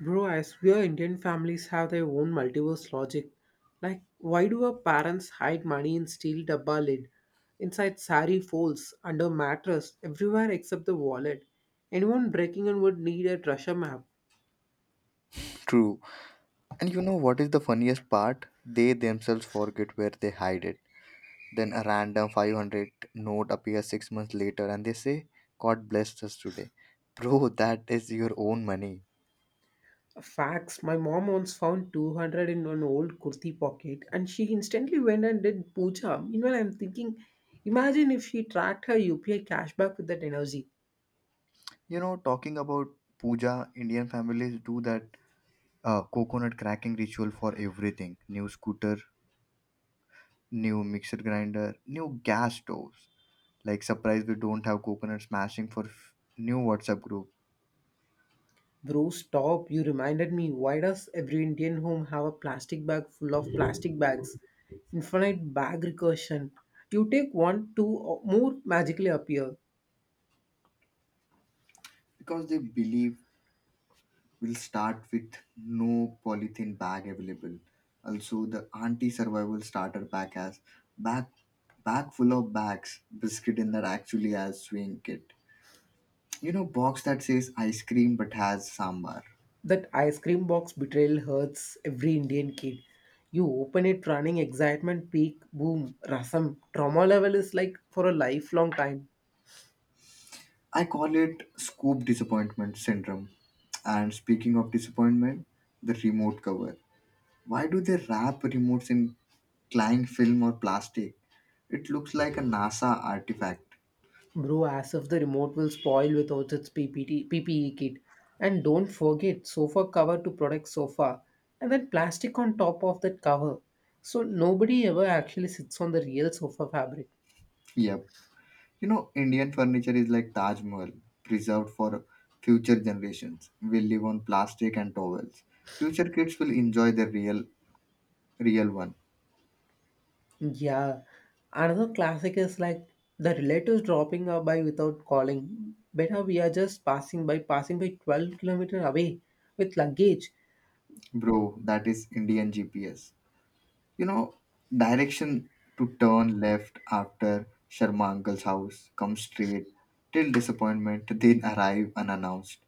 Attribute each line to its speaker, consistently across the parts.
Speaker 1: Bro, I swear Indian families have their own multiverse logic. Like, why do our parents hide money in steel dabba lid, inside sari folds, under mattress, everywhere except the wallet? Anyone breaking in would need a treasure map.
Speaker 2: True. And you know what is the funniest part? They themselves forget where they hide it. Then a random 500 note appears 6 months later and they say, God blessed us today. Bro, that is your own money.
Speaker 1: Facts. My mom once found 200 in an old kurti pocket and she instantly went and did puja. Meanwhile, I'm thinking, imagine if she tracked her UPI cashback with that energy.
Speaker 2: You know, talking about puja, Indian families do that coconut cracking ritual for everything new scooter, new mixer grinder, new gas stoves. Like, surprise, we don't have coconut smashing for new WhatsApp group
Speaker 1: Bro, stop. You reminded me. Why does every Indian home have a plastic bag full of plastic bags? Infinite bag recursion. You take one, two, or more magically appear.
Speaker 2: because they believe. We'll start with no polythene bag available. Also, the anti survival starter pack has bag bag full of bags, biscuit in that actually has swing kit. You know, box that says ice cream but has sambar.
Speaker 1: That ice cream box betrayal hurts every Indian kid. You open it running excitement peak, boom, rasam. Trauma level is like for a lifelong time.
Speaker 2: I call it scoop disappointment syndrome. And speaking of disappointment, the remote cover. Why do they wrap remotes in cling film or plastic? It looks like a NASA artifact.
Speaker 1: Bro, as if the remote will spoil without its PPT, PPE kit. And don't forget sofa cover to protect sofa, and then plastic on top of that cover. So nobody ever actually sits on the real sofa fabric.
Speaker 2: Yep. You know, Indian furniture is like Taj Mahal, preserved for future generations. We live on plastic and towels. Future kids will enjoy the real, real one.
Speaker 1: Yeah, another classic is like the relatives dropping our by without calling. Better we are just passing by, passing by 12 kilometer away with luggage.
Speaker 2: Bro, that is Indian GPS. You know, direction to turn left after Sharma uncle's house. Come straight till disappointment, then arrive unannounced,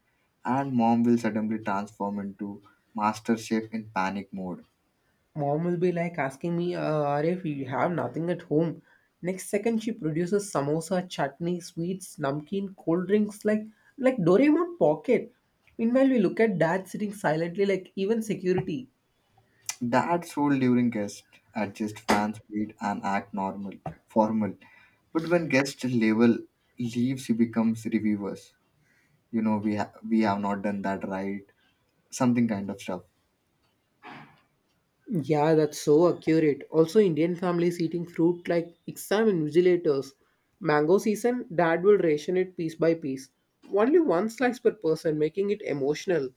Speaker 2: and mom will suddenly transform into master chef in panic mode.
Speaker 1: Mom will be like asking me, Arif, you have nothing at home. Next second, she produces samosa, chutney, sweets, namkeen, cold drinks, like Doraemon pocket. Meanwhile, we look at dad sitting silently, like even security.
Speaker 2: That's role during guests, adjust fan speed and act normal, formal. But when guest level leaves, he becomes reviewers. You know, we have not done that right. Something kind of stuff.
Speaker 1: Yeah, that's so accurate. Also, Indian families eating fruit like exam invigilators. Mango season, dad will ration it piece by piece. Only one slice per person, making it emotional.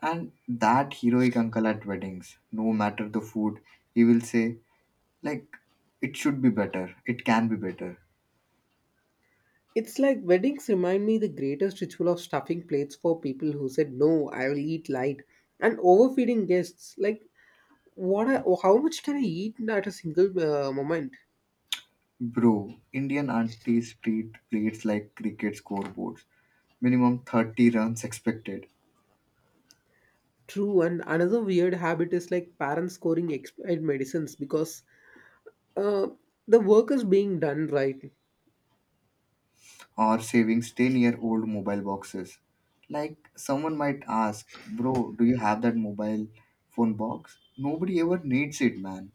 Speaker 2: And that heroic uncle at weddings, no matter the food, he will say like, "It should be better. It can be better."
Speaker 1: It's like weddings remind me the greatest ritual of stuffing plates for people who said no, I will eat light, and overfeeding guests. Like, what? I, how much can I eat at a single moment?
Speaker 2: Bro, Indian aunties treat plates like cricket scoreboards. Minimum 30 runs expected.
Speaker 1: True, and another weird habit is like parents scoring expired medicines because uh, the work is being done right.
Speaker 2: Or savings 10-year-old mobile boxes. Like someone might ask, bro, do you have that mobile phone box? Nobody ever needs it, man.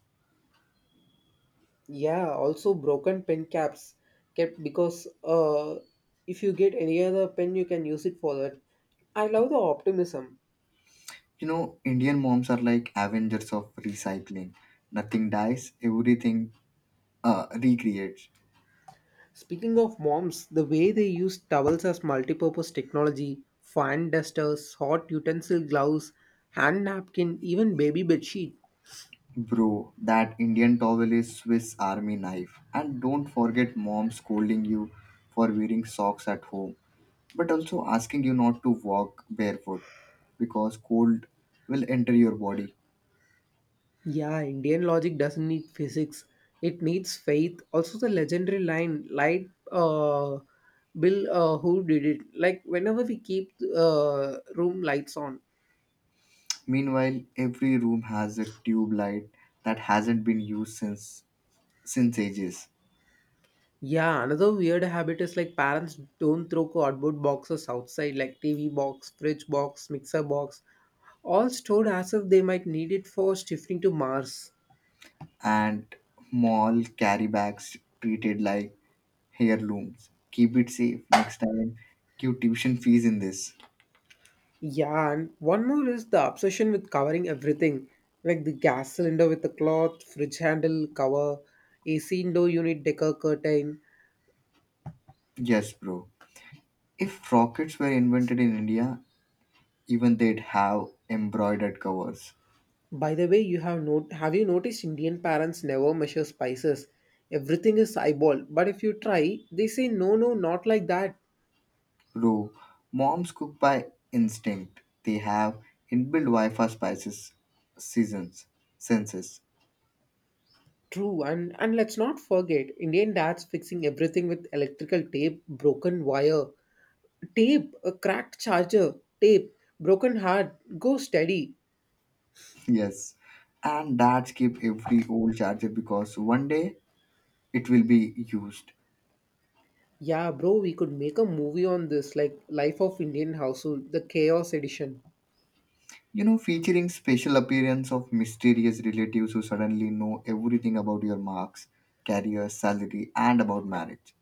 Speaker 1: Yeah, also broken pen caps kept because if you get any other pen, you can use it for that. I love the optimism.
Speaker 2: You know, Indian moms are like avengers of recycling. Nothing dies, everything recreates.
Speaker 1: Speaking of moms, the way they use towels as multipurpose technology, fan dusters, hot utensil gloves, hand napkin, even baby bedsheet.
Speaker 2: Bro, that Indian towel is Swiss Army knife. And don't forget mom scolding you for wearing socks at home, but also asking you not to walk barefoot because cold will enter your body.
Speaker 1: Yeah, Indian logic doesn't need physics. It needs faith. Also the legendary line, like Bill who did it. Like whenever we keep room lights on.
Speaker 2: Meanwhile, every room has a tube light that hasn't been used since ages.
Speaker 1: Yeah, another weird habit is like parents don't throw cardboard boxes outside, like TV box, fridge box, mixer box, all stored as if they might need it for shifting to Mars.
Speaker 2: And mall carry bags treated like heirlooms. Keep it safe next time. Give tuition fees in this.
Speaker 1: Yeah, and one more is the obsession with covering everything, like the gas cylinder with a cloth, fridge handle cover, AC indoor unit decor curtain.
Speaker 2: Yes, bro. If rockets were invented in India, even they'd have embroidered covers.
Speaker 1: By the way, you have not— have you noticed Indian parents never measure spices? Everything is eyeball, but if you try, they say no, no, not like that.
Speaker 2: Bro, moms cook by instinct. They have inbuilt Wi-Fi spices seasons senses.
Speaker 1: True, and let's not forget Indian dads fixing everything with electrical tape, broken wire, tape, a cracked charger, tape, broken heart, go steady.
Speaker 2: Yes, and that keep every old charger because one day it will be used.
Speaker 1: Yeah, bro, we could make a movie on this, like Life of Indian Household, the Chaos Edition.
Speaker 2: You know, featuring special appearance of mysterious relatives who suddenly know everything about your marks, career, salary, and about marriage.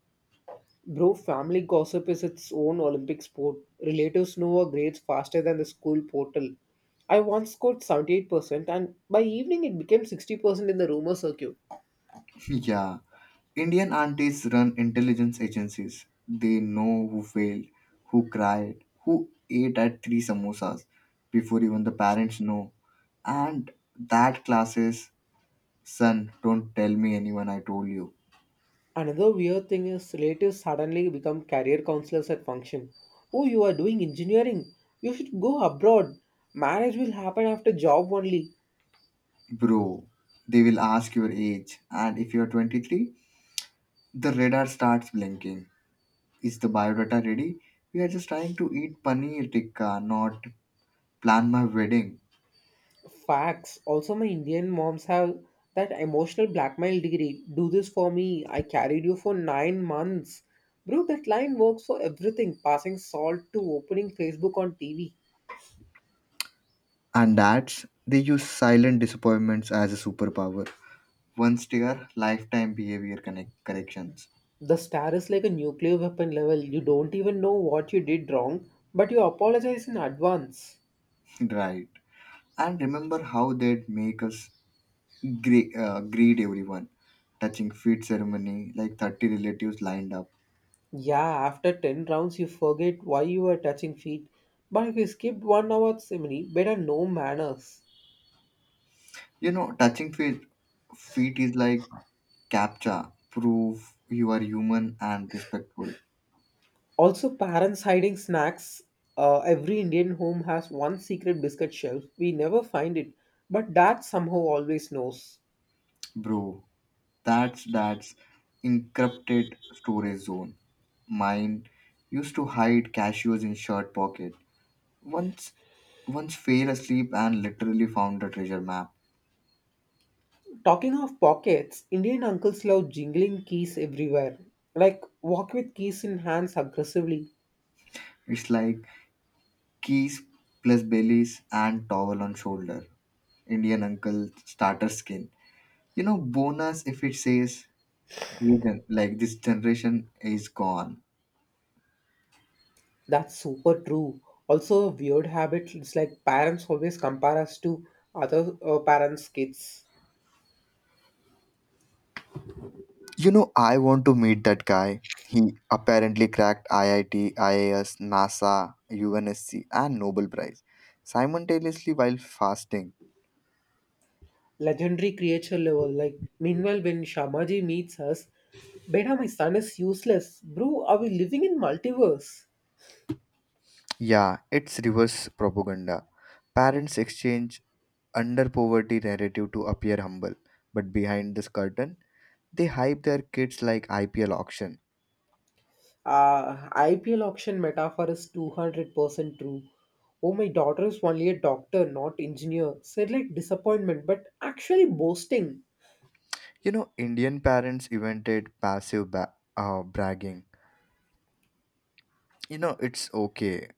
Speaker 1: Bro, family gossip is its own Olympic sport. Relatives know our grades faster than the school portal. I once scored 78%, and by evening it became 60% in the rumor circuit.
Speaker 2: Yeah, Indian aunties run intelligence agencies. They know who failed, who cried, who ate at three samosas before even the parents know. And that classes, son, don't tell me anyone I told you.
Speaker 1: Another weird thing is relatives suddenly become career counselors at function. Oh, you are doing engineering. You should go abroad. Marriage will happen after job only.
Speaker 2: Bro, they will ask your age, and if you're 23, the radar starts blinking. Is the biodata ready? We are just trying to eat paneer tikka, not plan my wedding.
Speaker 1: Facts. Also, my Indian moms have that emotional blackmail degree. Do this for me. I carried you for 9 months. Bro, that line works for everything. Passing salt to opening Facebook on TV.
Speaker 2: And that's they use silent disappointments as a superpower. One steer, lifetime behavior connect corrections.
Speaker 1: The star is like a nuclear weapon level. You don't even know what you did wrong, but you apologize in advance.
Speaker 2: Right. And remember how they'd make us greet everyone. Touching feet ceremony, like 30 relatives lined up.
Speaker 1: Yeah, after 10 rounds, you forget why you were touching feet. But if you skipped one hour ceremony, better no manners.
Speaker 2: You know, touching feet is like CAPTCHA, prove you are human and respectful.
Speaker 1: Also, parents hiding snacks. Every Indian home has one secret biscuit shelf. We never find it, but dad somehow always knows.
Speaker 2: Bro, that's encrypted storage zone. Mine used to hide cashews in shirt pocket. Once once fell asleep and literally found the treasure map.
Speaker 1: Talking of pockets, Indian uncles love jingling keys everywhere. Like, walk with keys in hands aggressively.
Speaker 2: It's like keys plus bellies and towel on shoulder. Indian uncle starter skin. You know, bonus if it says region like this generation is gone.
Speaker 1: That's super true. Also, a weird habit. It's like parents always compare us to other parents' kids.
Speaker 2: You know, I want to meet that guy. He apparently cracked IIT, IAS, NASA, UNSC, and Nobel Prize simultaneously while fasting.
Speaker 1: Legendary creature level. Like, meanwhile, when Shamaji meets us, Beta, my son is useless. Bro, are we living in multiverse?
Speaker 2: Yeah, it's reverse propaganda. Parents exchange under poverty narrative to appear humble, but behind this curtain, they hype their kids like IPL auction.
Speaker 1: IPL auction metaphor is 200% true. Oh, my daughter is only a doctor, not engineer. Said like disappointment, but actually boasting.
Speaker 2: You know, Indian parents invented passive bragging. You know, it's okay,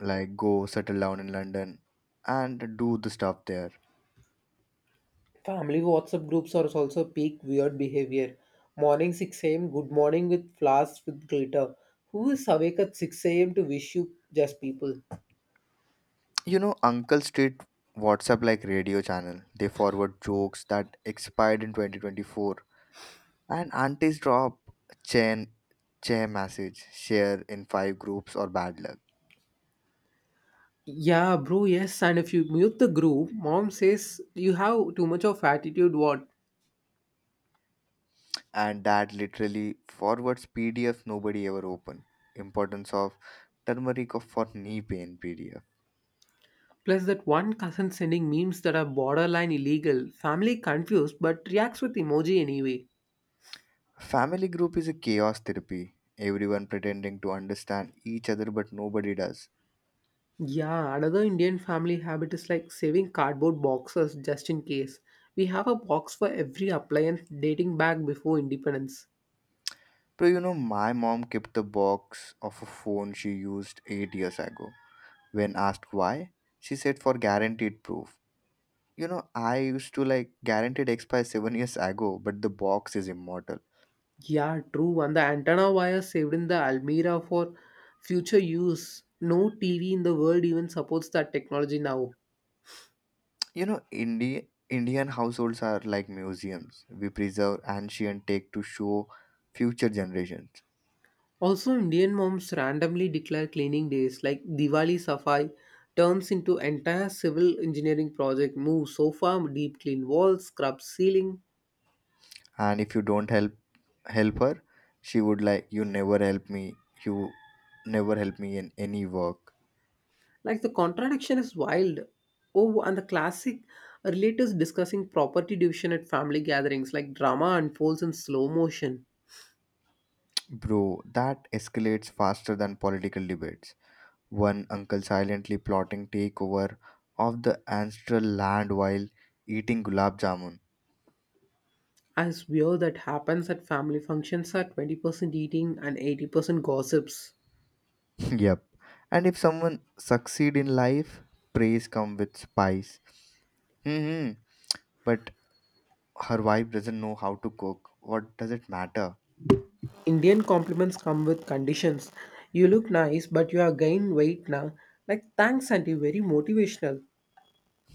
Speaker 2: like go settle down in London and do the stuff there.
Speaker 1: Family WhatsApp groups are also peak weird behavior. Morning 6 a.m. Good morning with flowers with glitter. Who is awake at 6 a.m. to wish you? Just people?
Speaker 2: You know, uncles treat WhatsApp like radio channel. They forward jokes that expired in 2024, and aunties drop chain chair message, share in five groups or bad luck.
Speaker 1: Yeah, bro, yes. And if you mute the group, mom says you have too much of attitude, what?
Speaker 2: And dad literally forwards PDF nobody ever open. Importance of turmeric for knee pain PDF.
Speaker 1: Plus, that one cousin sending memes that are borderline illegal. Family confused but reacts with emoji anyway.
Speaker 2: Family group is a chaos therapy. Everyone pretending to understand each other, but nobody does.
Speaker 1: Yeah, another Indian family habit is like saving cardboard boxes just in case. We have a box for every appliance dating back before independence.
Speaker 2: Bro, you know, my mom kept the box of a phone she used 8 years ago. When asked why, she said for guaranteed proof. You know, I used to like guaranteed expire 7 years ago, but the box is immortal.
Speaker 1: Yeah, true. And the antenna wire saved in the Almira for future use. No TV in the world even supports that technology now.
Speaker 2: You know, Indian households are like museums. We preserve ancient take to show future generations.
Speaker 1: Also, Indian moms randomly declare cleaning days like Diwali Safai turns into entire civil engineering project, move sofa, deep clean walls, scrub ceiling.
Speaker 2: And if you don't help her, she would like you never help me. You never help me in any work.
Speaker 1: Like the contradiction is wild. Oh, and the classic relatives discussing property division at family gatherings like drama unfolds in slow motion.
Speaker 2: Bro, that escalates faster than political debates. One uncle silently plotting takeover of the ancestral land while eating gulab jamun.
Speaker 1: I swear that happens at family functions are 20% eating and 80% gossips.
Speaker 2: Yep. And if someone succeed in life, praise come with spice. Hmm. But her wife doesn't know how to cook. What does it matter?
Speaker 1: Indian compliments come with conditions. You look nice, but you are gaining weight now. Like, thanks, auntie. Very motivational.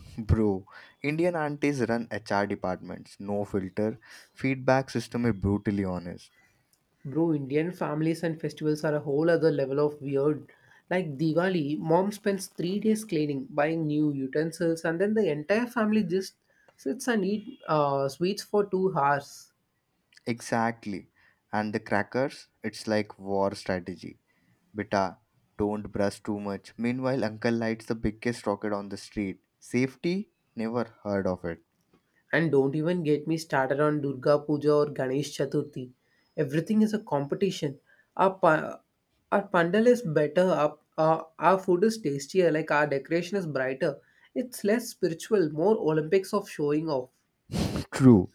Speaker 2: Bro, Indian aunties run HR departments. No filter. Feedback system is brutally honest.
Speaker 1: Bro, Indian families and festivals are a whole other level of weird. Like Diwali, mom spends 3 days cleaning, buying new utensils, and then the entire family just sits and eat sweets for 2 hours.
Speaker 2: Exactly. And the crackers, it's like war strategy. Beta, don't brush too much. Meanwhile, uncle lights the biggest rocket on the street. Safety? Never heard of it.
Speaker 1: And don't even get me started on Durga Puja or Ganesh Chaturthi. Everything is a competition. Our, pa- our pandal is better, our food is tastier, like our decoration is brighter. It's less spiritual, more Olympics of showing off.
Speaker 2: True.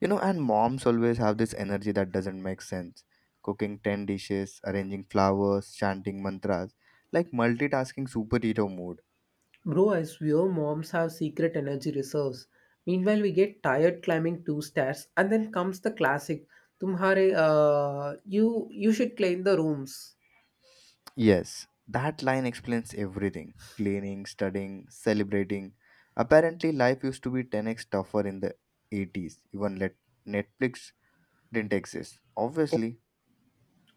Speaker 2: You know, and moms always have this energy that doesn't make sense. Cooking 10 dishes, arranging flowers, chanting mantras, like multitasking superhero mode.
Speaker 1: Bro, I swear moms have secret energy reserves. Meanwhile, we get tired climbing two stairs, and then comes the classic. Tumhare, you should clean the rooms.
Speaker 2: Yes, that line explains everything cleaning, studying, celebrating. Apparently, life used to be 10x tougher in the 80s, even let Netflix didn't exist. Obviously.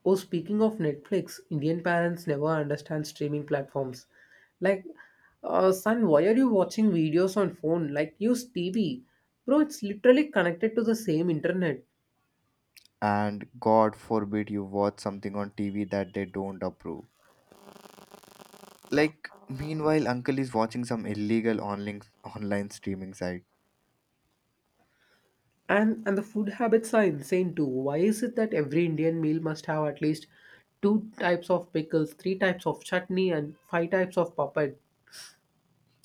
Speaker 1: Oh, speaking of Netflix, Indian parents never understand streaming platforms. Like, son, why are you watching videos on phone? Like, use TV. Bro, it's literally connected to the same internet.
Speaker 2: And God forbid you watch something on TV that they don't approve. Like, meanwhile, uncle is watching some illegal online streaming site.
Speaker 1: And the food habits are insane too. Why is it that every Indian meal must have at least two types of pickles, three types of chutney, and five types of papad?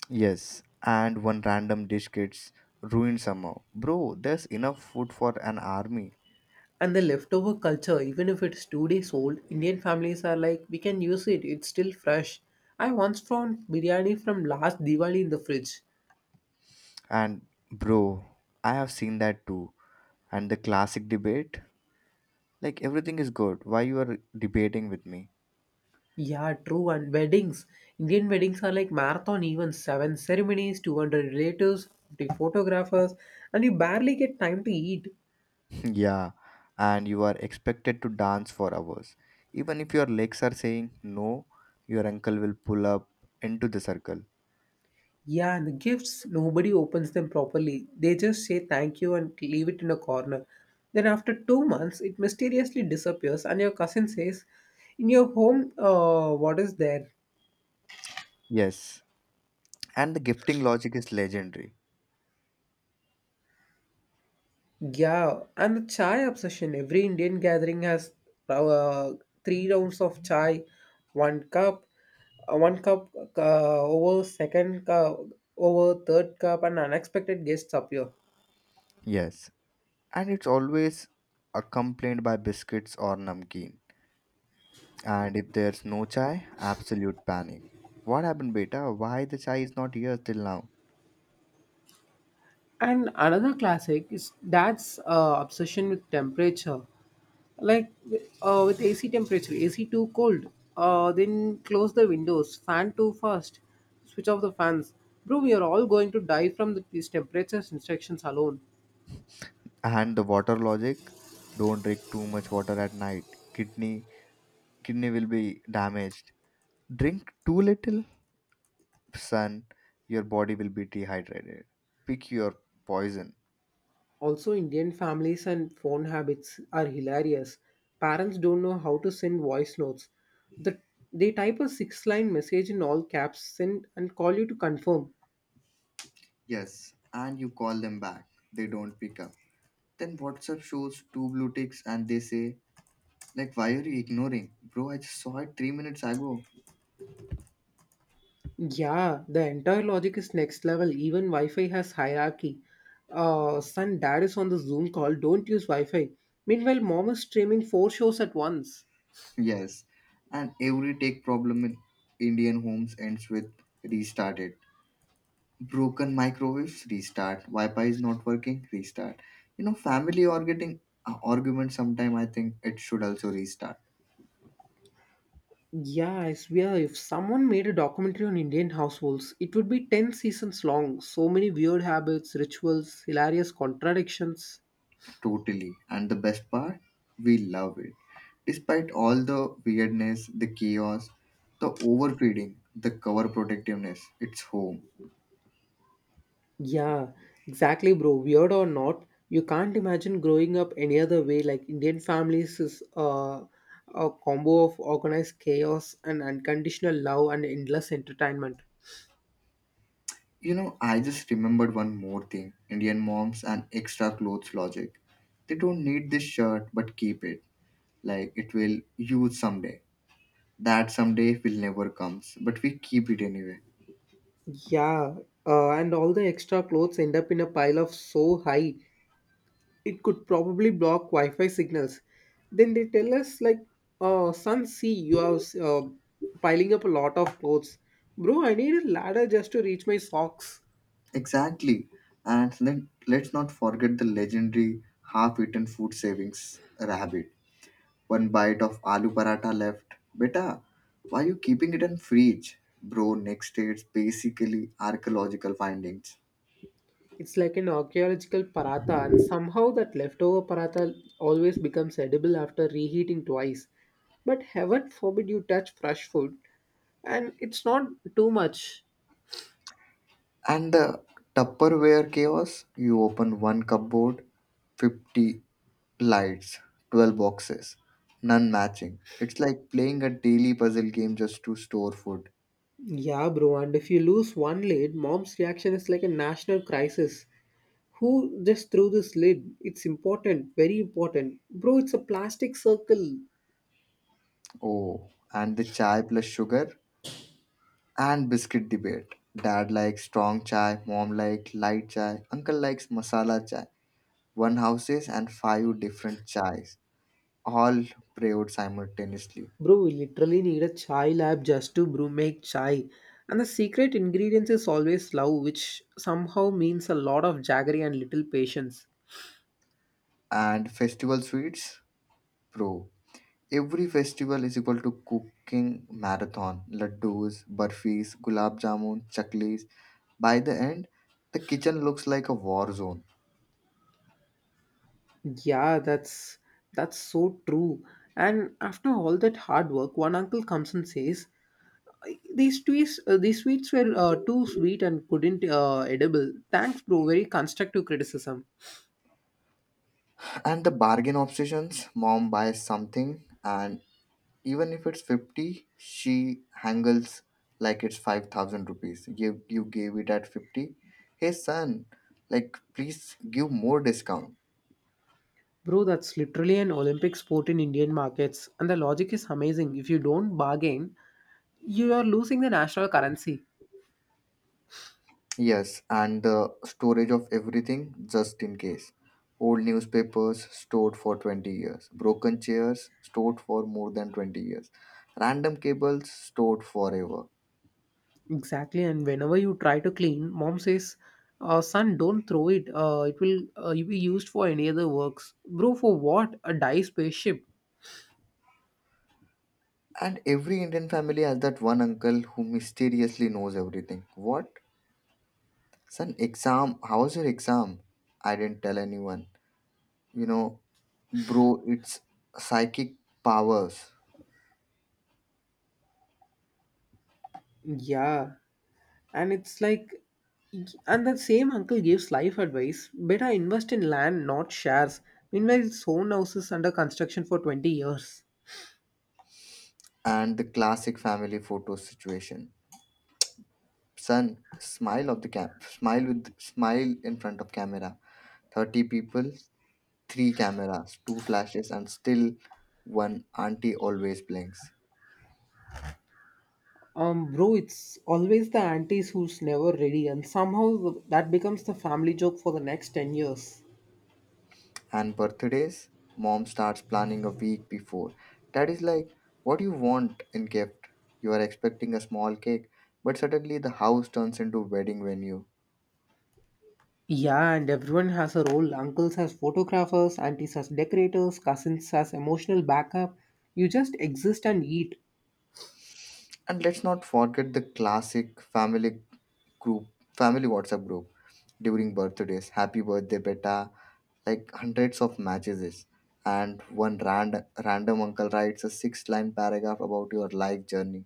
Speaker 2: Yes, and one random dish gets ruined somehow. Bro, there's enough food for an army.
Speaker 1: And the leftover culture, even if it's 2 days old, Indian families are like, we can use it, it's still fresh. I once found biryani from last Diwali in the fridge.
Speaker 2: And bro, I have seen that too. And the classic debate, like everything is good. Why you are debating with me?
Speaker 1: Yeah, true, and weddings. Indian weddings are like marathon events, 7 ceremonies, 200 relatives, 50 photographers, and you barely get time to eat.
Speaker 2: Yeah, and you are expected to dance for hours. Even if your legs are saying no, your uncle will pull up into the circle.
Speaker 1: Yeah, and the gifts, nobody opens them properly. They just say thank you and leave it in a corner. Then, after 2 months, it mysteriously disappears, and your cousin says, in your home, what is there?
Speaker 2: Yes, and the gifting logic is legendary.
Speaker 1: Yeah, and the chai obsession. Every Indian gathering has uh, three rounds of chai, one cup, one cup over second cup over third cup, and unexpected guests appear.
Speaker 2: Yes, and it's always accompanied by biscuits or namkeen. And if there's no chai, absolute panic. What happened, beta? Why the chai is not here till now?
Speaker 1: And another classic is dad's obsession with temperature. Like with AC temperature, AC too cold. Then close the windows, fan too fast, switch off the fans. Bro, we are all going to die from these temperature instructions alone.
Speaker 2: And the water logic, don't drink too much water at night. Kidney kidney will be damaged. Drink too little sun, your body will be dehydrated. Pick your poison.
Speaker 1: Also, Indian families and phone habits are hilarious. Parents don't know how to send voice notes. The, they type a 6 line message in all caps, send, and call you to confirm.
Speaker 2: Yes, and you call them back. They don't pick up. Then WhatsApp shows two blue ticks and they say, like, why are you ignoring? Bro, I just saw it 3 minutes ago.
Speaker 1: Yeah, the entire logic is next level. Even Wi-Fi has hierarchy. Son, dad is on the Zoom call. Don't use Wi-Fi. Meanwhile, mom is streaming four shows at once.
Speaker 2: Yes, and every tech problem in Indian homes ends with restarted. Broken microwaves, restart. Wi-Fi is not working, restart. You know, family are getting arguments sometime. I think it should also restart.
Speaker 1: Yeah, I swear, if someone made a documentary on Indian households, it would be 10 seasons long. So many weird habits, rituals, hilarious contradictions.
Speaker 2: Totally. And the best part, we love it. Despite all the weirdness, the chaos, the overfeeding, the cover protectiveness, it's home.
Speaker 1: Yeah, exactly, bro. Weird or not, you can't imagine growing up any other way. Like Indian families is a combo of organized chaos and unconditional love and endless entertainment.
Speaker 2: You know, I just remembered one more thing Indian moms and extra clothes logic. They don't need this shirt but keep it, like it will use someday. That someday will never comes, but we keep it anyway.
Speaker 1: Yeah, and all the extra clothes end up in a pile of so high it could probably block Wi-Fi signals. Then they tell us like, son, see you are piling up a lot of clothes, bro. I need a ladder just to reach my socks.
Speaker 2: Exactly. And then let's not forget the legendary half eaten food savings rabbit. One bite of aloo paratha left. Beta, why you keeping it in fridge? Bro, next day it's basically archaeological findings.
Speaker 1: It's like an archaeological paratha, and somehow that leftover paratha always becomes edible after reheating twice. But heaven forbid you touch fresh food, and it's not too much.
Speaker 2: And the Tupperware chaos, you open one cupboard, 50 lights, 12 boxes, none matching. It's like playing a daily puzzle game just to store food.
Speaker 1: Yeah, bro, and if you lose one lid, mom's reaction is like a national crisis. Who just threw this lid? It's important, very important. Bro, it's a plastic circle.
Speaker 2: Oh, and the chai plus sugar and biscuit debate. Dad likes strong chai, mom likes light chai, uncle likes masala chai. One houses and five different chais, all brewed simultaneously.
Speaker 1: Bro, we literally need a chai lab just to brew make chai. And the secret ingredient is always love, which somehow means a lot of jaggery and little patience.
Speaker 2: And festival sweets, bro. Every festival is equal to cooking marathon. Laddus, burfis, gulab jamun, chaklis. By the end, the kitchen looks like a war zone.
Speaker 1: Yeah, that's so true. And after all that hard work, one uncle comes and says, "These these sweets were too sweet and couldn't edible." Thanks, bro. Very constructive criticism.
Speaker 2: And the bargain obsessions, mom buys something and even if it's 50, she hangles like it's 5,000 rupees. You gave it at 50. Hey, son, like, please give more discount.
Speaker 1: Bro, that's literally an Olympic sport in Indian markets, and the logic is amazing. If you don't bargain, you are losing the national currency.
Speaker 2: Yes, and the storage of everything just in case. Old newspapers stored for 20 years, broken chairs stored for more than 20 years, random cables stored forever.
Speaker 1: Exactly, and whenever you try to clean, mom says, "Son, don't throw it. It will be used for any other works." Bro, for what? A dye spaceship?
Speaker 2: And every Indian family has that one uncle who mysteriously knows everything. What? Son, exam, how was your exam? I didn't tell anyone. You know, bro, it's psychic powers.
Speaker 1: Yeah, and it's like, and that same uncle gives life advice. Better invest in land, not shares. Meanwhile, his own house is under construction for 20 years.
Speaker 2: And the classic family photo situation. Son, smile of the cap, smile with smile in front of camera. 30 people, 3 cameras, 2 flashes and still one auntie always blinks.
Speaker 1: Bro, it's always the aunties who's never ready, and somehow that becomes the family joke for the next 10 years.
Speaker 2: And birthdays, mom starts planning a week before. Dad is like, what do you want in gift? You are expecting a small cake, but suddenly the house turns into wedding venue.
Speaker 1: Yeah, and everyone has a role. Uncles as photographers, aunties as decorators, cousins as emotional backup. You just exist and eat.
Speaker 2: And let's not forget the classic family group, family WhatsApp group during birthdays. Happy birthday, beta. Like hundreds of messages. And one random uncle writes a six line paragraph about your life journey.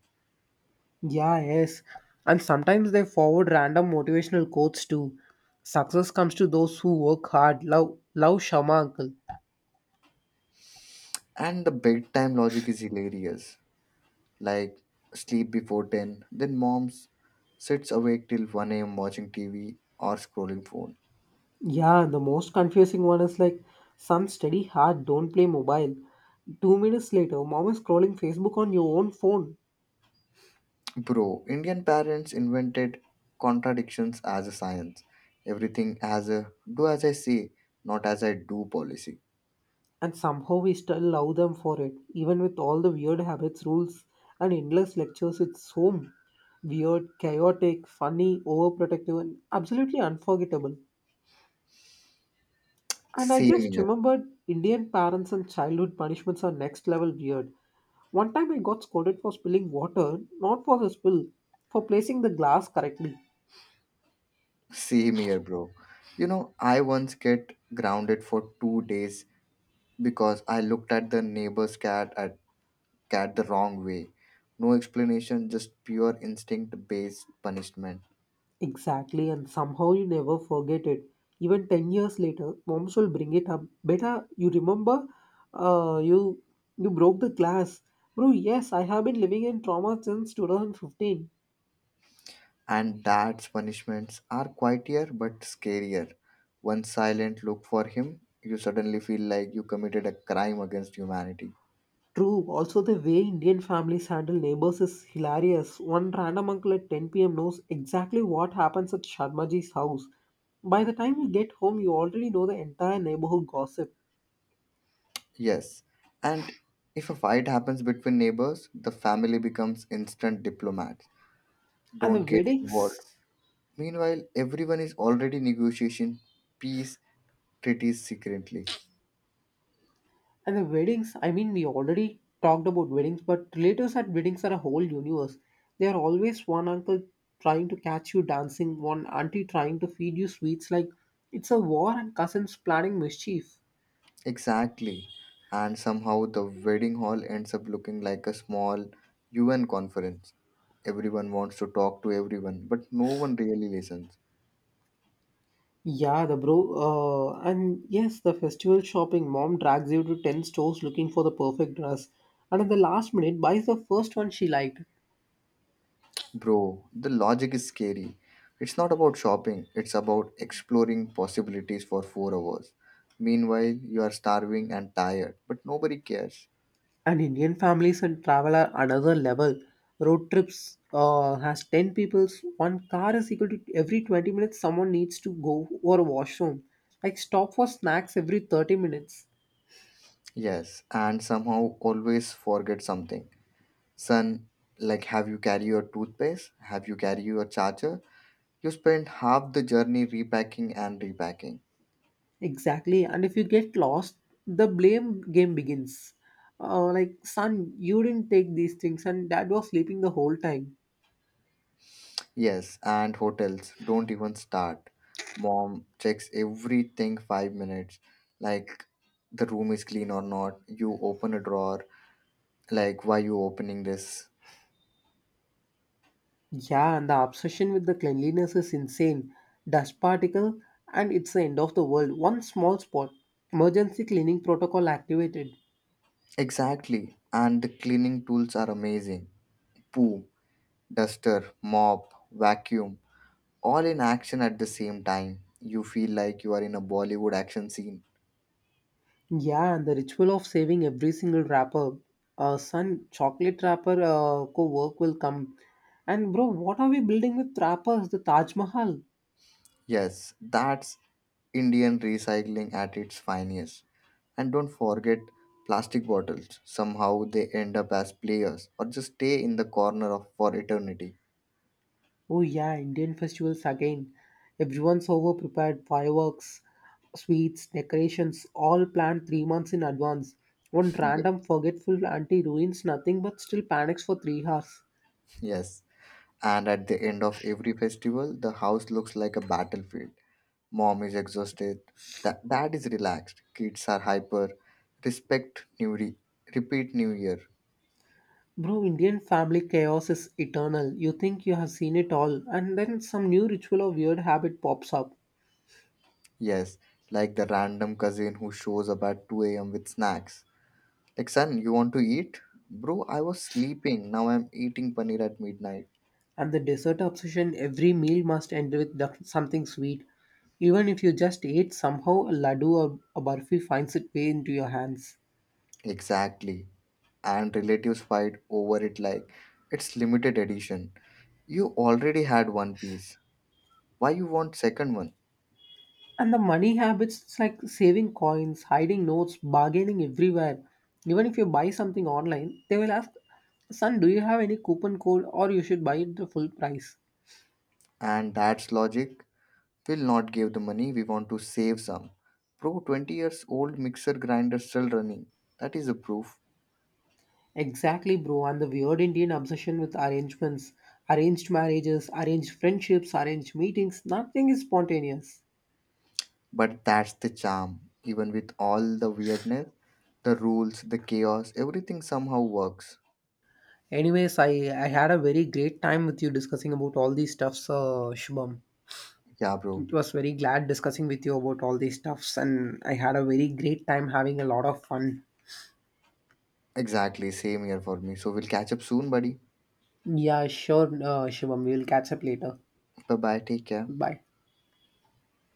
Speaker 1: Yeah, yes. And sometimes they forward random motivational quotes too. Success comes to those who work hard. Love Shama, uncle.
Speaker 2: And the bedtime logic is hilarious. Like sleep before 10. Then moms sits awake till 1 a.m. watching TV or scrolling phone.
Speaker 1: Yeah, the most confusing one is like some study hard, don't play mobile. 2 minutes later, mom is scrolling Facebook on your own phone,
Speaker 2: Bro, Indian parents invented contradictions as a science. Everything as a do as I say, not as I do policy.
Speaker 1: and somehow we still love them for it, even with all the weird habits, rules, and endless lectures. It's home weird, chaotic, funny, overprotective, and absolutely unforgettable. And I
Speaker 2: Same
Speaker 1: just
Speaker 2: here.
Speaker 1: remembered Indian parents and childhood punishments are next level weird. One time I got scolded for spilling water, not for the spill, for placing the glass correctly.
Speaker 2: Same here, bro. You know, I once get grounded for 2 days because I looked at the neighbor's cat at cat the wrong way. No explanation, just pure instinct based punishment.
Speaker 1: Exactly, and somehow you never forget it. Even 10 years later, moms will bring it up. Beta, you remember uh, you you broke the glass. Bro, yes, I have been living in trauma since 2015.
Speaker 2: And dad's punishments are quieter but scarier. One silent look for him, you suddenly feel like you committed a crime against humanity.
Speaker 1: True, also the way Indian families handle neighbors is hilarious. One random uncle at 10 p.m. knows exactly what happens at Sharmaji's house. By the time you get home, you already know the entire neighborhood gossip.
Speaker 2: Yes, and if a fight happens between neighbors, the family becomes instant diplomats.
Speaker 1: And the
Speaker 2: Don't get involved.
Speaker 1: weddings?
Speaker 2: Meanwhile, everyone is already negotiating peace treaties secretly.
Speaker 1: And the weddings, I mean, we already talked about weddings, but relatives at weddings are a whole universe. There are always one uncle trying to catch you dancing, one auntie trying to feed you sweets. Like, it's a war and cousins planning mischief.
Speaker 2: Exactly. And somehow the wedding hall ends up looking like a small UN conference. Everyone wants to talk to everyone, but no one really listens.
Speaker 1: Yeah, the bro. And yes, the festival shopping. Mom drags you to 10 stores looking for the perfect dress. And at the last minute, buys the first one she liked.
Speaker 2: Bro, the logic is scary. It's not about shopping, it's about exploring possibilities for 4 hours. Meanwhile, you are starving and tired, but nobody cares.
Speaker 1: And Indian families and travel are another level. Road trips has 10 people, one car is equal to every 20 minutes someone needs to go or washroom. Like stop for snacks every 30 minutes.
Speaker 2: Yes, and somehow always forget something. Son, like, have you carry your toothpaste? Have you carry your charger? You spend half the journey repacking and repacking.
Speaker 1: Exactly. And if you get lost, the blame game begins. Like son, you didn't take these things and dad was sleeping the whole time.
Speaker 2: Yes, and hotels don't even start. Mom checks everything 5 minutes like the room is clean or not. You open a drawer like why you opening this?
Speaker 1: Yeah, and the obsession with the cleanliness is insane. Dust particle, and it's the end of the world. One small spot. Emergency cleaning protocol activated.
Speaker 2: Exactly. And the cleaning tools are amazing. Boom, duster, mop, vacuum, all in action at the same time. You feel like you are in a Bollywood action scene.
Speaker 1: Yeah, and the ritual of saving every single wrapper. Son, chocolate wrapper co work will come. And bro, what are we building with wrappers? The Taj Mahal.
Speaker 2: Yes, that's Indian recycling at its finest. And don't forget plastic bottles. Somehow they end up as players or just stay in the corner of for eternity.
Speaker 1: Oh yeah, Indian festivals again. Everyone's over prepared, fireworks, sweets, decorations, all planned 3 months in advance. One
Speaker 2: Ye-
Speaker 1: random forgetful auntie ruins nothing but still panics for 3 hours.
Speaker 2: Yes. And at the end of every festival, the house looks like a battlefield. Mom is exhausted. That dad is relaxed. Kids are hyper. Respect new repeat new year.
Speaker 1: Bro, Indian family chaos is eternal. You think you have seen it all, and then some new ritual or weird habit pops up.
Speaker 2: Yes, like the random cousin who shows up at 2 a.m. with snacks. Like son, you want to eat? Bro, I was sleeping. Now I'm eating paneer at midnight.
Speaker 1: And the dessert obsession every meal must end with something sweet. Even if you just ate, somehow a laddu or a barfi finds its way into your hands.
Speaker 2: Exactly. And relatives fight over it like it's limited edition. You already had one piece. Why you want second one?
Speaker 1: And the money habits, it's like saving coins, hiding notes, bargaining everywhere. Even if you buy something online, they will ask, Son, do you have any coupon code or you should buy it the full price?
Speaker 2: And that's logic. We'll not give the money. We want to save some. Bro, 20 years old mixer grinder still running. That is a proof.
Speaker 1: Exactly, bro. And the weird Indian obsession with arrangements, arranged marriages, arranged friendships, arranged meetings, nothing is spontaneous.
Speaker 2: But that's the charm. Even with all the weirdness, the rules, the chaos, everything somehow works.
Speaker 1: Anyways, I had a very great time with you discussing about all these stuffs, Shubham.
Speaker 2: Yeah, bro.
Speaker 1: It was very glad discussing with you about all these stuffs, and I had a very great time having a lot of fun.
Speaker 2: Exactly, same here for me. So we'll catch up soon, buddy.
Speaker 1: Yeah, sure, Shivam. We'll catch up later.
Speaker 2: Bye bye, take care.
Speaker 1: Bye.